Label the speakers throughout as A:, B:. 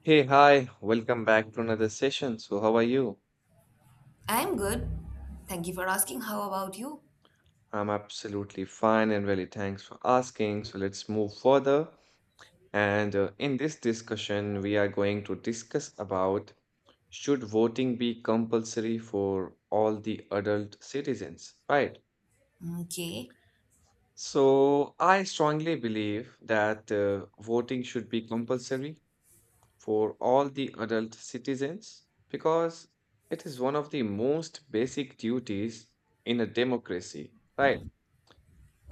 A: Hey, hi, welcome back to another session. So, how are you?
B: I'm good. Thank you for asking. How about you?
A: I'm absolutely fine and really thanks for asking. So, let's move further. And in this discussion, we are going to discuss about should voting be compulsory for all the adult citizens, right?
B: Okay.
A: So, I strongly believe that voting should be compulsory for all the adult citizens because it is one of the most basic duties in a democracy, right?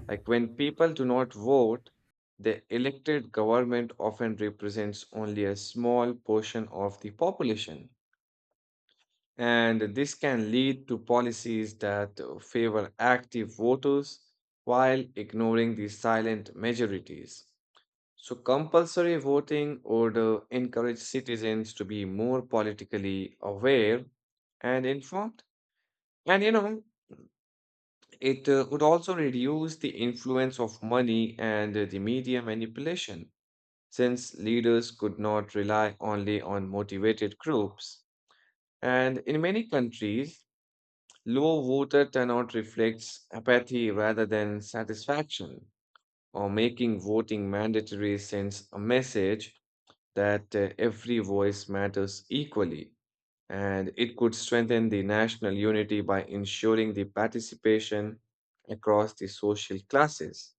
A: Like when people do not vote, the elected government often represents only a small portion of the population. And this can lead to policies that favor active voters while ignoring the silent majorities. So, compulsory voting would encourage citizens to be more politically aware and informed. And you know, it would also reduce the influence of money and the media manipulation, since leaders could not rely only on motivated groups. And in many countries, low voter turnout reflects apathy rather than satisfaction, or making voting mandatory sends a message that every voice matters equally, and it could strengthen the national unity by ensuring the participation across the social classes.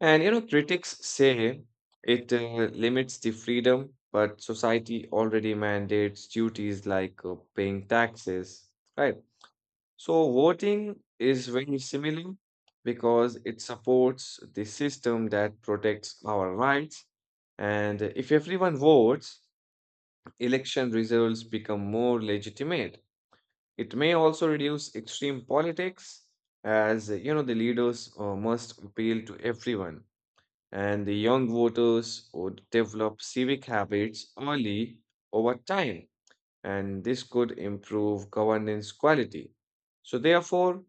A: Critics say it limits the freedom, but society already mandates duties like paying taxes, right? So, voting is very similar because it supports the system that protects our rights. And if everyone votes, election results become more legitimate. It may also reduce extreme politics, as the leaders must appeal to everyone, and the young voters would develop civic habits early over time, and this could improve governance quality. So, therefore,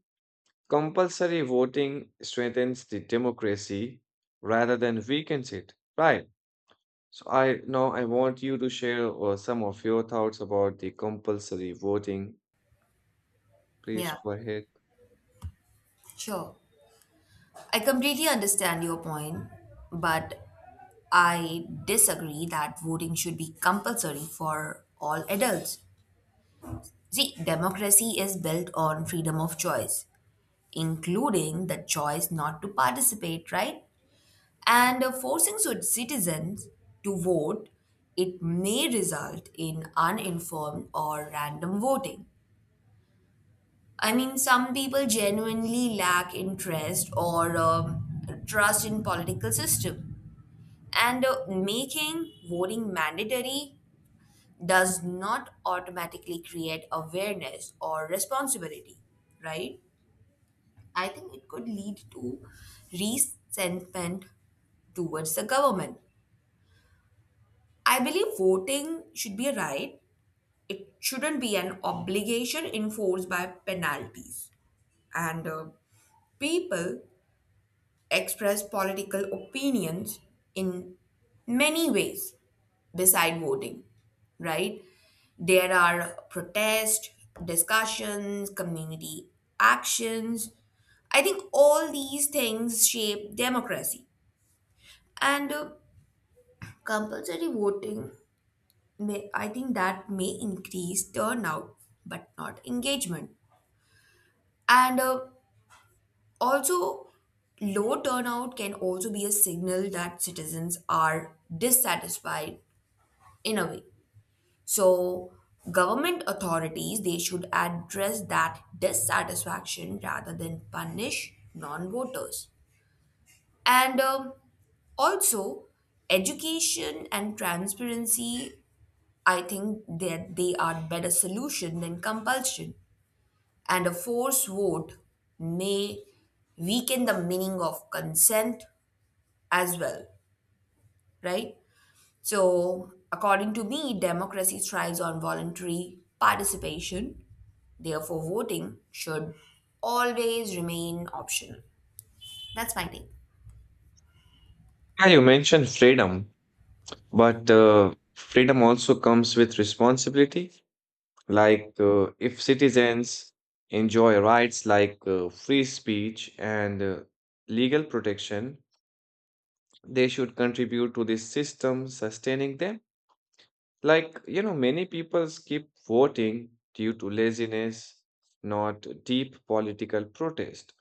A: compulsory voting strengthens the democracy rather than weakens it. Right. So I now I want you to share some of your thoughts about the compulsory voting. Please
B: Yeah,
A: go ahead.
B: sure. I completely understand your point, but I disagree that voting should be compulsory for all adults. See, democracy is built on freedom of choice, including the choice not to participate, right? And forcing citizens to vote, it may result in uninformed or random voting. Some people genuinely lack interest or trust in political system, and making voting mandatory does not automatically create awareness or responsibility, right? I think it could lead to resentment towards the government. I believe voting should be a right. It shouldn't be an obligation enforced by penalties. And People express political opinions in many ways beside voting, right? There are protests, discussions, community actions. I think all these things shape democracy. And Compulsory voting, may, I think that may increase turnout but not engagement. And Also, low turnout can also be a signal that citizens are dissatisfied in a way. So, government authorities they should address that dissatisfaction rather than punish non-voters. And Also, education and transparency, I think that they are better solution than compulsion. And a forced vote may weaken the meaning of consent as well, right? So, according to me, democracy thrives on voluntary participation. Therefore, voting should always remain optional. That's my take.
A: Yeah, you mentioned freedom, but freedom also comes with responsibility. Like if citizens enjoy rights like free speech and legal protection, they should contribute to the system sustaining them. Like, you know, many people skip voting due to laziness, not deep political protest.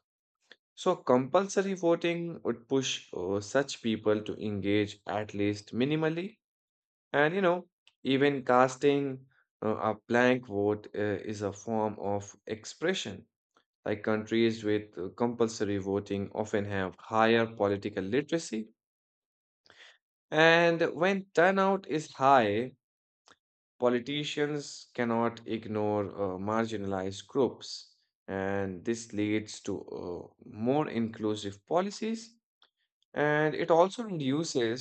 A: So, compulsory voting would push such people to engage at least minimally. And, you know, even casting a blank vote is a form of expression. Like countries with compulsory voting often have higher political literacy. And when turnout is high, politicians cannot ignore marginalized groups. And this leads to more inclusive policies. And it also reduces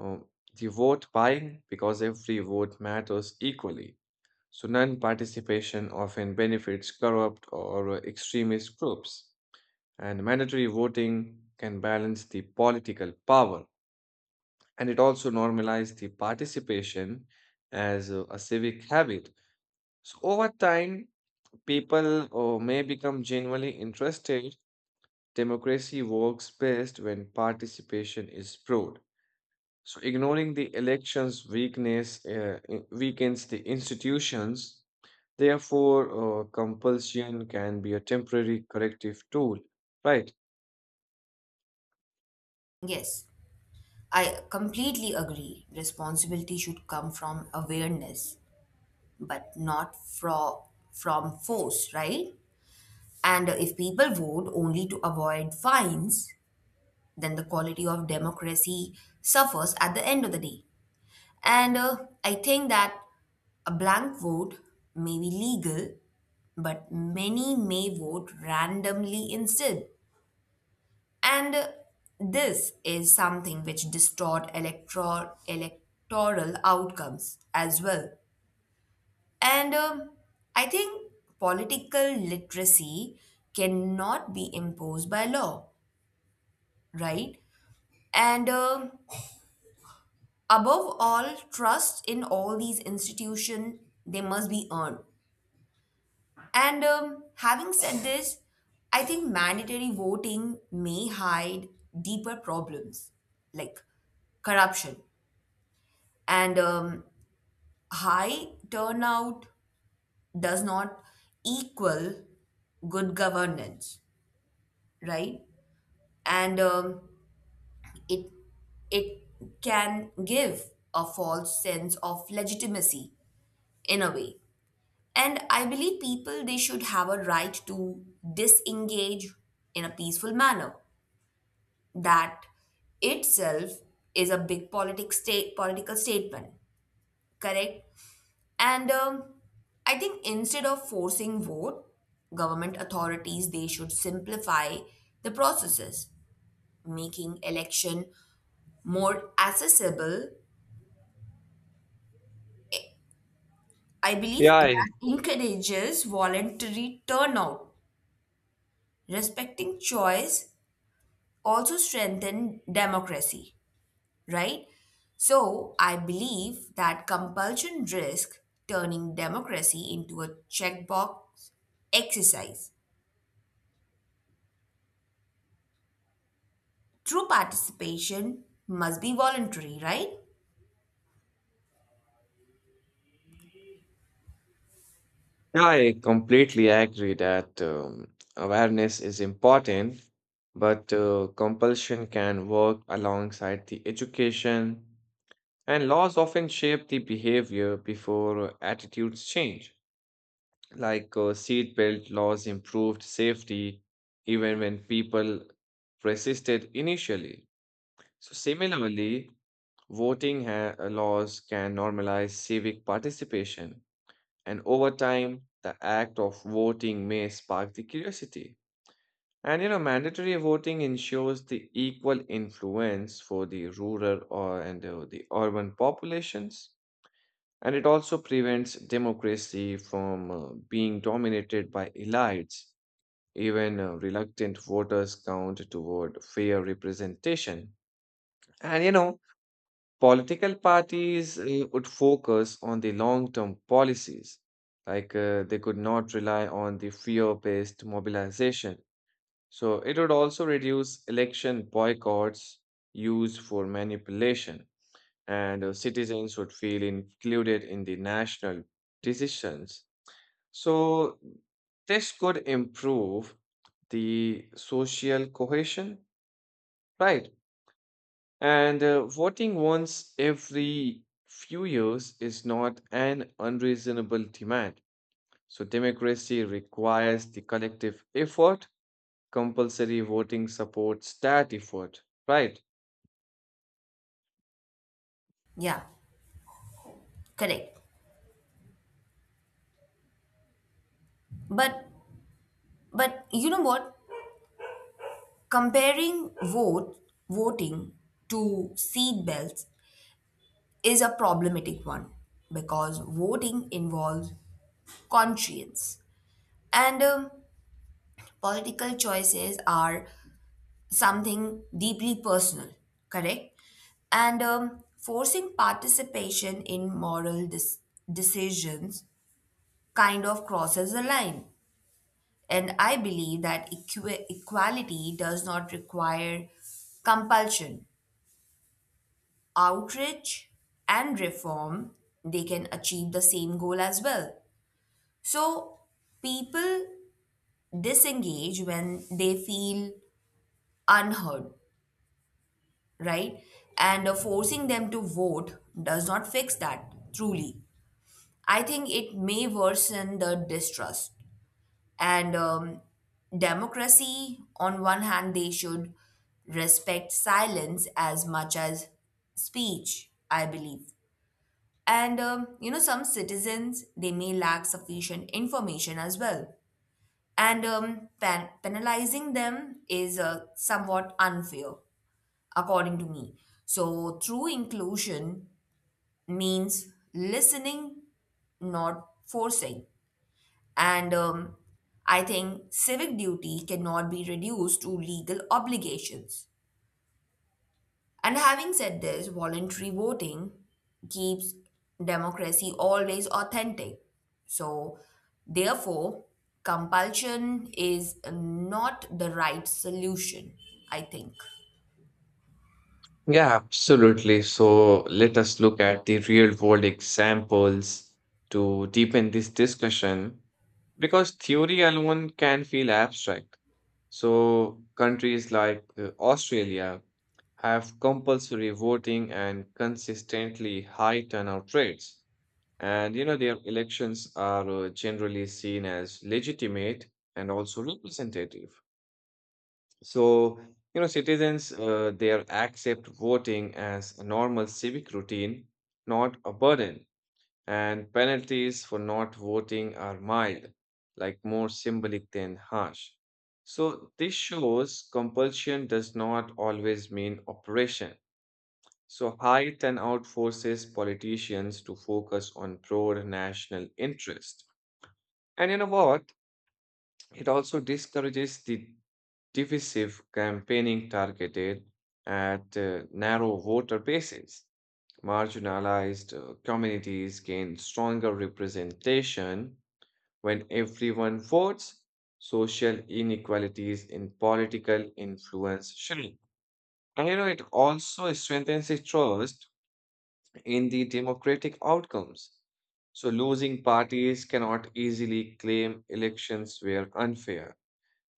A: um, the vote buying because every vote matters equally. So non participation often benefits corrupt or extremist groups. And mandatory voting can balance the political power. And it also normalizes the participation as a civic habit. So over time, people may become genuinely interested. Democracy works best when participation is broad. So ignoring the election's weakness weakens the institutions. Therefore, compulsion can be a temporary corrective tool, right?
B: Yes, I completely agree. Responsibility should come from awareness, but not from force, right? And if people vote only to avoid fines, then the quality of democracy suffers at the end of the day. And I think that a blank vote may be legal, but many may vote randomly instead. And This is something which distort electoral outcomes as well. And I think political literacy cannot be imposed by law, right? And Above all, trust in all these institutions, they must be earned. And Having said this, I think mandatory voting may hide deeper problems like corruption. And High turnout does not equal good governance, right? And um, it it can give a false sense of legitimacy in a way. And I believe people they should have a right to disengage in a peaceful manner. That itself is a big politic state, political statement, correct? And I think instead of forcing vote, government authorities they should simplify the processes, making election more accessible. I
A: Yeah,
B: believe that
A: I,
B: encourages voluntary turnout. Respecting choice also strengthen democracy, right? So I believe that compulsion risks turning democracy into a checkbox exercise. True participation must be voluntary, right?
A: yeah, I completely agree that awareness is important, but compulsion can work alongside the education, and laws often shape the behavior before attitudes change. Like seatbelt laws improved safety even when people resisted initially. So, similarly, voting laws can normalize civic participation, and over time, the act of voting may spark the curiosity. And you know, mandatory voting ensures the equal influence for the rural or and the urban populations, and it also prevents democracy from being dominated by elites, even reluctant voters count toward fair representation. And you know, political parties would focus on the long term policies. Like they could not rely on the fear based mobilization. So it would also reduce election boycotts used for manipulation. And citizens would feel included in the national decisions. So this could improve the social cohesion, right? And voting once every few years is not an unreasonable demand. So democracy requires the collective effort. Compulsory voting supports that effort, right?
B: Yeah, correct. But you know what? Comparing vote voting to seat belts is a problematic one because voting involves conscience and political choices are something deeply personal, correct? And Forcing participation in decisions kind of crosses the line. And I believe that equality does not require compulsion. Outreach and reform, they can achieve the same goal as well. So people disengage when they feel unheard, right? And Forcing them to vote does not fix that, truly. I think it may worsen the distrust. And Democracy, on one hand, they should respect silence as much as speech, I believe. Some citizens, they may lack sufficient information as well. And penalizing them is somewhat unfair according to me. So, true inclusion means listening, not forcing. And I think civic duty cannot be reduced to legal obligations. And having said this, voluntary voting keeps democracy always authentic. So, therefore, compulsion is not the right solution, I think.
A: Yeah, absolutely. So let us look at the real world examples to deepen this discussion because theory alone can feel abstract. So countries like Australia have compulsory voting and consistently high turnout rates. And you know, their elections are generally seen as legitimate and also representative. So, you know, citizens there accept voting as a normal civic routine, not a burden, and penalties for not voting are mild, like more symbolic than harsh. So, this shows compulsion does not always mean oppression. So, high turnout forces politicians to focus on broad national interest. And you know what? It also discourages the divisive campaigning targeted at narrow voter bases. Marginalized communities gain stronger representation when everyone votes. Social inequalities in political influence shrink. And you know, it also strengthens the trust in the democratic outcomes. So, losing parties cannot easily claim elections were unfair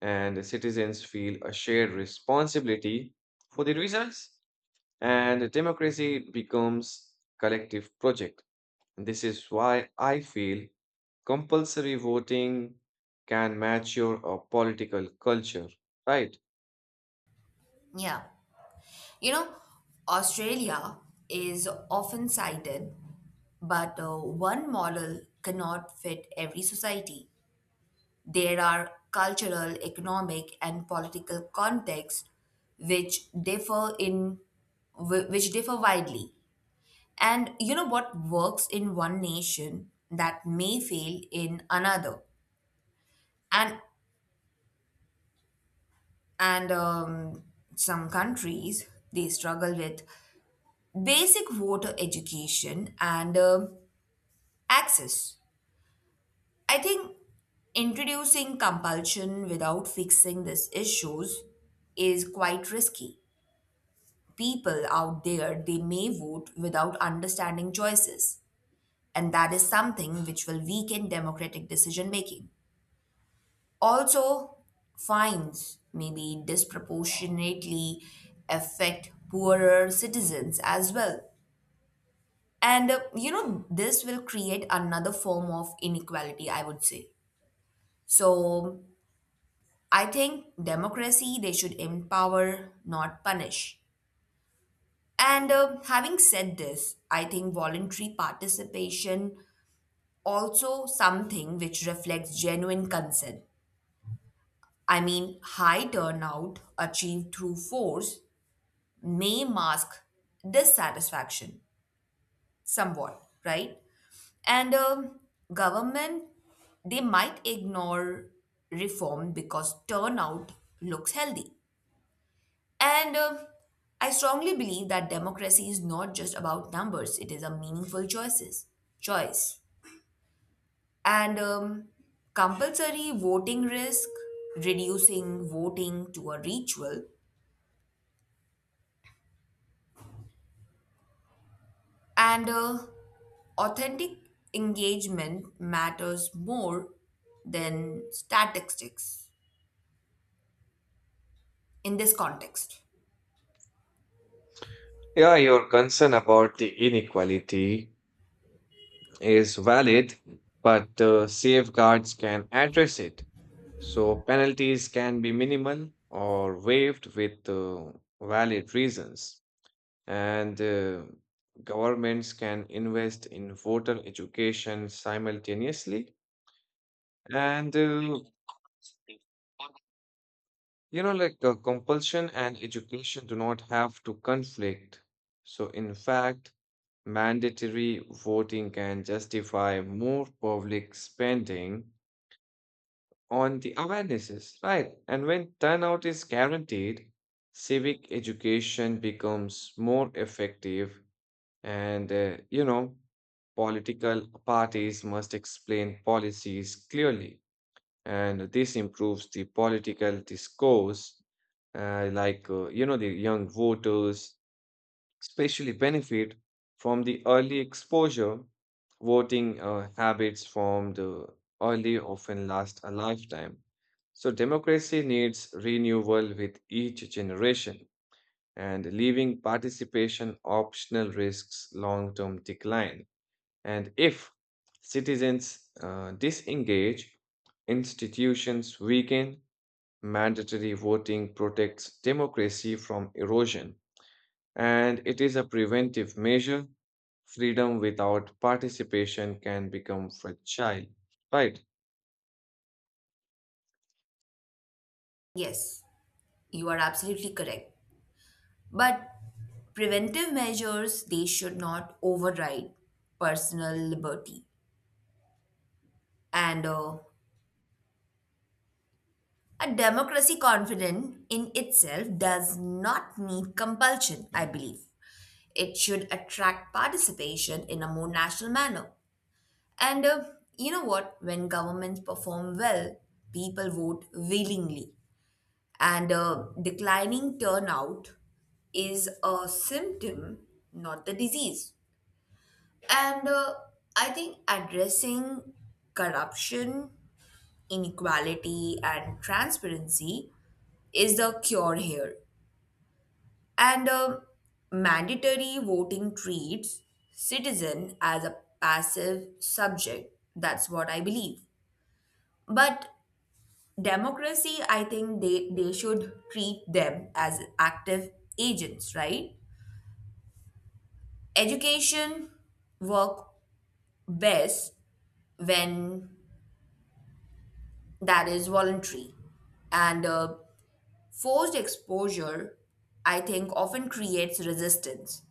A: and citizens feel a shared responsibility for the results, and democracy becomes collective project. This is why I feel compulsory voting can mature a political culture, right?
B: Yeah. You know, Australia is often cited, but one model cannot fit every society. There are cultural, economic, and political contexts which differ in which differ widely. And you know what works in one nation that may fail in another. And and some countries they struggle with basic voter education and access. I think introducing compulsion without fixing these issues is quite risky. People out there, they may vote without understanding choices, and that is something which will weaken democratic decision making. Also, fines maybe disproportionately affect poorer citizens as well. And you know, this will create another form of inequality, I would say. So, I think democracy, they should empower, not punish. And Having said this, I think voluntary participation also something which reflects genuine consent. I mean, high turnout achieved through force may mask dissatisfaction somewhat, right? And Government, they might ignore reform because turnout looks healthy. And I strongly believe that democracy is not just about numbers; it is a meaningful choice. And Compulsory voting risk, reducing voting to a ritual, and authentic engagement matters more than statistics in this context.
A: Yeah, your concern about the inequality is valid, but safeguards can address it. So penalties can be minimal or waived with valid reasons, and governments can invest in voter education simultaneously, and compulsion and education do not have to conflict. So in fact, mandatory voting can justify more public spending on the awarenesses, right? And when turnout is guaranteed, civic education becomes more effective. And, you know, political parties must explain policies clearly. And this improves the political discourse, you know, the young voters especially benefit from the early exposure. Voting habits formed early often last a lifetime. So, democracy needs renewal with each generation, and leaving participation optional risks long term decline. And if citizens disengage, institutions weaken. Mandatory voting protects democracy from erosion, and it is a preventive measure. Freedom without participation can become fragile. Right.
B: Yes, you are absolutely correct. But preventive measures, they should not override personal liberty. And A democracy confident in itself does not need compulsion, I believe. It should attract participation in a more national manner. And You know what? When governments perform well, people vote willingly. And Declining turnout is a symptom, not the disease. And I think addressing corruption, inequality, and transparency is the cure here. And Mandatory voting treats citizen as a passive subject. That's what I believe. But democracy, I think they should treat them as active agents, right? Education work best when that is voluntary. And Forced exposure, I think, often creates resistance.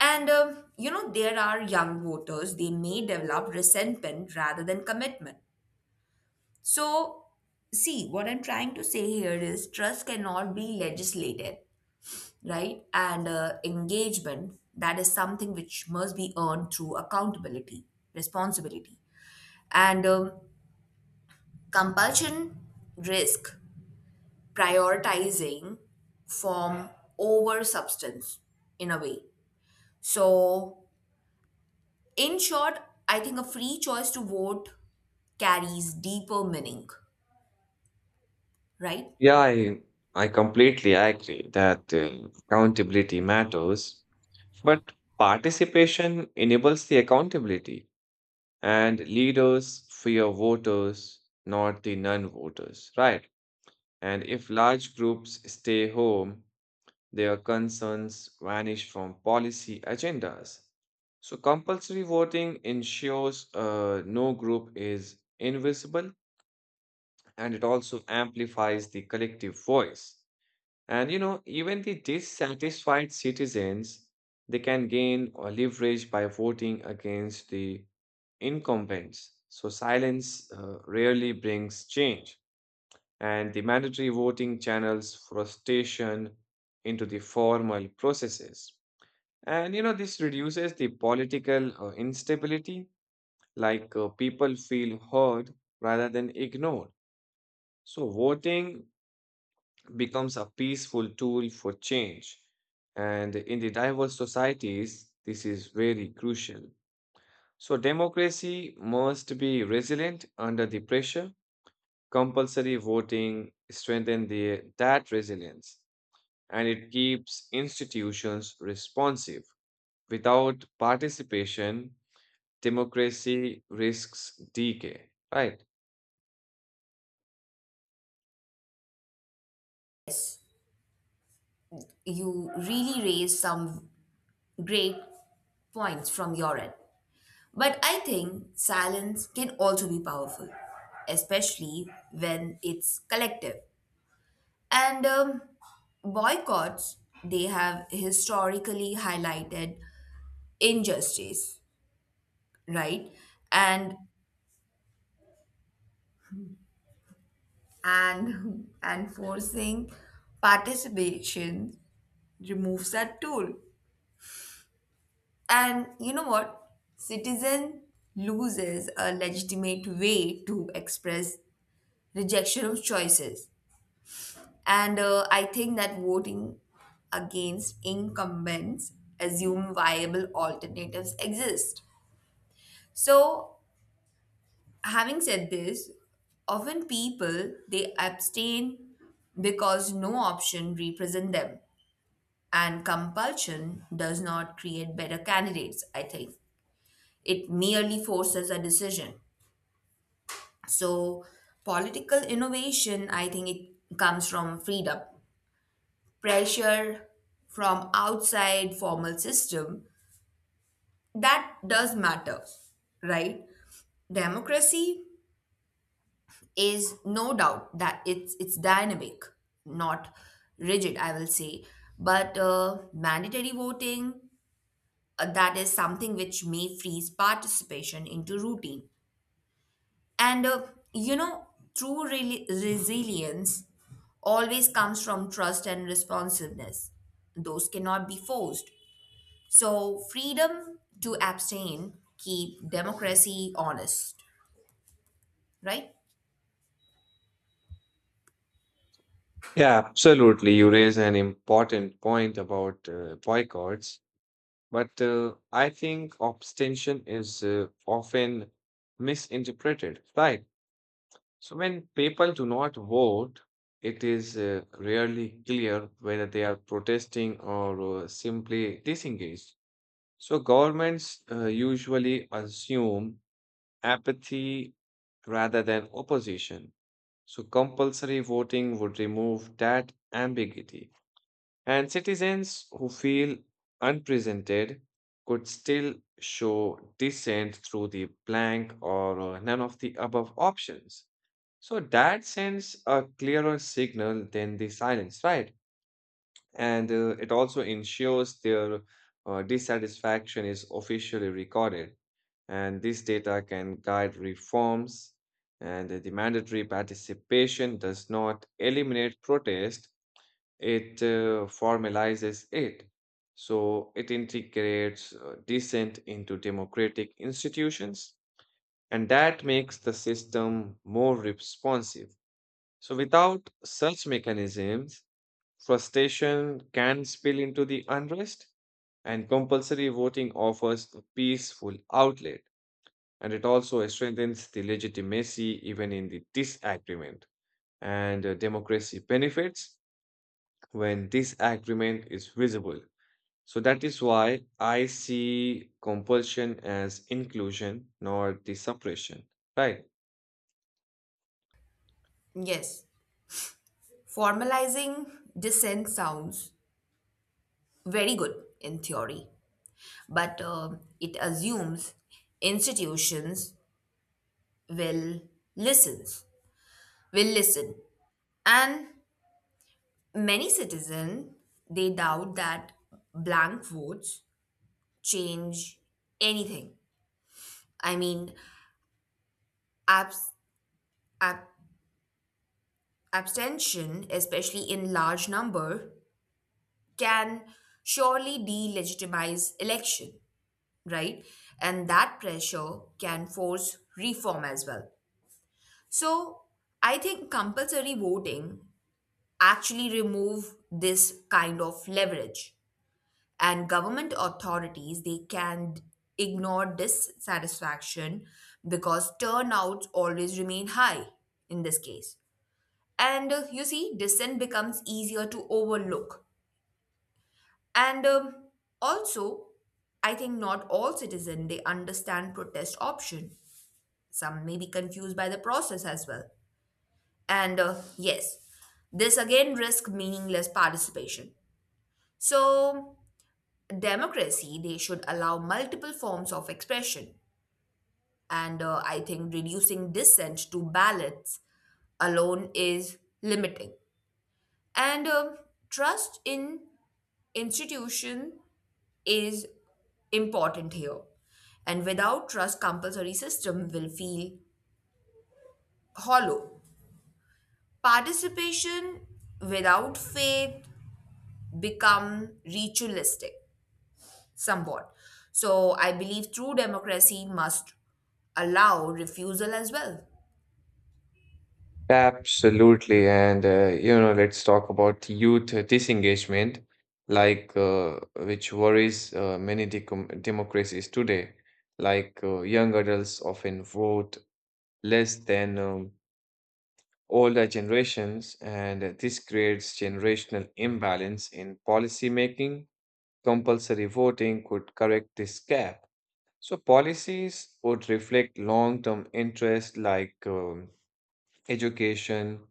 B: There are young voters, they may develop resentment rather than commitment. So, see, what I'm trying to say here is trust cannot be legislated, right? And Engagement, that is something which must be earned through accountability, responsibility. And Compulsion risk prioritizing form over substance in a way. So, in short, I think a free choice to vote carries deeper meaning, right?
A: Yeah, I completely agree that accountability matters, but participation enables the accountability. And leaders fear voters, not the non voters, right? And if large groups stay home, their concerns vanish from policy agendas. So, compulsory voting ensures no group is invisible, and it also amplifies the collective voice. And you know, even the dissatisfied citizens, they can gain or leverage by voting against the incumbents. So silence rarely brings change, and the mandatory voting channels frustration into the formal processes. And you know, this reduces the political instability. Like people feel heard rather than ignored. So voting becomes a peaceful tool for change. And in the diverse societies, this is very crucial. So democracy must be resilient under the pressure. Compulsory voting strengthens that resilience, and it keeps institutions responsive. Without participation, democracy risks decay. Right.
B: Yes, you really raise some great points from your end. But I think silence can also be powerful, especially when it's collective. And Boycotts, they have historically highlighted injustice, right? And and and forcing participation removes that tool. And you know what, citizen loses a legitimate way to express rejection of choices. And I think that voting against incumbents assume viable alternatives exist. So having said this, often people they abstain because no option represent them. And compulsion does not create better candidates, I think. It merely forces a decision. So political innovation, I think it comes from freedom. Pressure from outside formal system, that does matter, right? Democracy is no doubt that it's dynamic, not rigid, I will say. But mandatory voting, that is something which may freeze participation into routine. And you know, true resilience always comes from trust and responsiveness. Those cannot be forced. So freedom to abstain keep democracy honest, right?
A: Yeah, absolutely. You raise an important point about boycotts, but I think abstention is often misinterpreted. Right. So when people do not vote, it is rarely clear whether they are protesting or simply disengaged. So governments usually assume apathy rather than opposition. So compulsory voting would remove that ambiguity. And citizens who feel unrepresented could still show dissent through the blank or none of the above options. So that sends a clearer signal than the silence, right? And it also ensures their dissatisfaction is officially recorded. And this data can guide reforms, and the mandatory participation does not eliminate protest, it formalizes it. So it integrates dissent into democratic institutions, and that makes the system more responsive. So, without such mechanisms, frustration can spill into the unrest, and compulsory voting offers a peaceful outlet. And it also strengthens the legitimacy even in the disagreement. And democracy benefits when disagreement is visible. So, that is why I see compulsion as inclusion, not the suppression, right?
B: Yes, formalizing dissent sounds very good in theory, but it assumes institutions will listens will listen, and many citizens they doubt that blank votes change anything. I mean, abs- ab- abstention, especially in large number, can surely delegitimize election, right? And that pressure can force reform as well. So I think compulsory voting actually remove this kind of leverage, and government authorities they can ignore dissatisfaction because turnouts always remain high in this case. And you see dissent becomes easier to overlook. And also, I think not all citizens they understand protest option. Some may be confused by the process as well. And yes, this again risks meaningless participation. So, democracy, they should allow multiple forms of expression. And I think reducing dissent to ballots alone is limiting. And Trust in institution is important here. And without trust, compulsory system will feel hollow. Participation without faith become ritualistic somewhat. So I believe true democracy must allow refusal as well.
A: Absolutely. And, you know, let's talk about youth disengagement, like which worries many decom democracies today. Like young adults often vote less than older generations, and this creates generational imbalance in policy making. Compulsory voting could correct this gap. So policies would reflect long-term interests like education,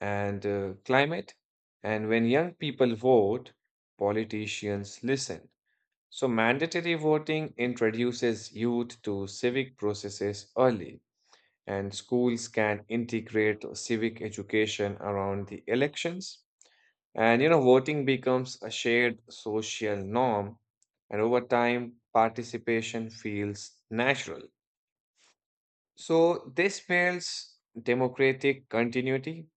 A: and climate. And when young people vote, politicians listen. So, mandatory voting introduces youth to civic processes early, and schools can integrate civic education around the elections. And you know, voting becomes a shared social norm, and over time, participation feels natural. So this spells democratic continuity.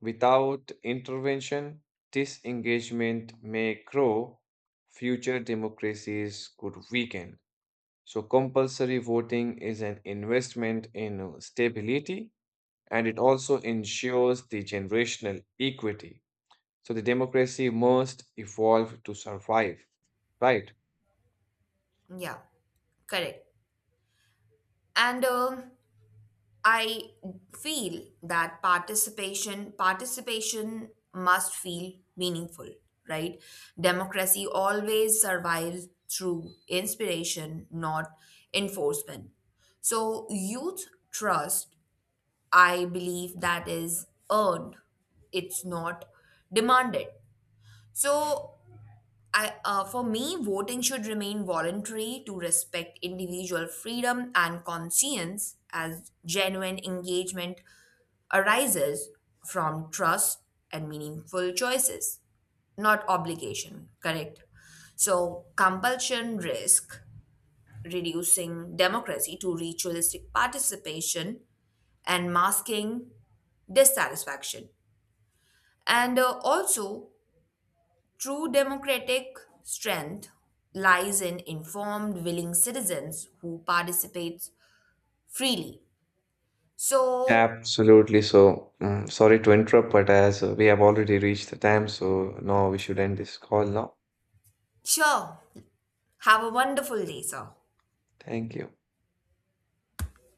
A: Without intervention, disengagement may grow, future democracies could weaken. So compulsory voting is an investment in stability, and it also ensures the generational equity. So the democracy must evolve to survive, right?
B: Yeah, correct. And I feel that participation must feel meaningful, right? Democracy always survives through inspiration, not enforcement. So youth trust, I believe that is earned. It's not demanded. So I, for me, voting should remain voluntary to respect individual freedom and conscience, as genuine engagement arises from trust and meaningful choices, not obligation, correct? So, compulsion risk reducing democracy to ritualistic participation and masking dissatisfaction. And Also, true democratic strength lies in informed, willing citizens who participate freely. So,
A: Absolutely. So, sorry to interrupt, but as we have already reached the time, so now we should end this call now.
B: sure, have a wonderful day, sir.
A: Thank you.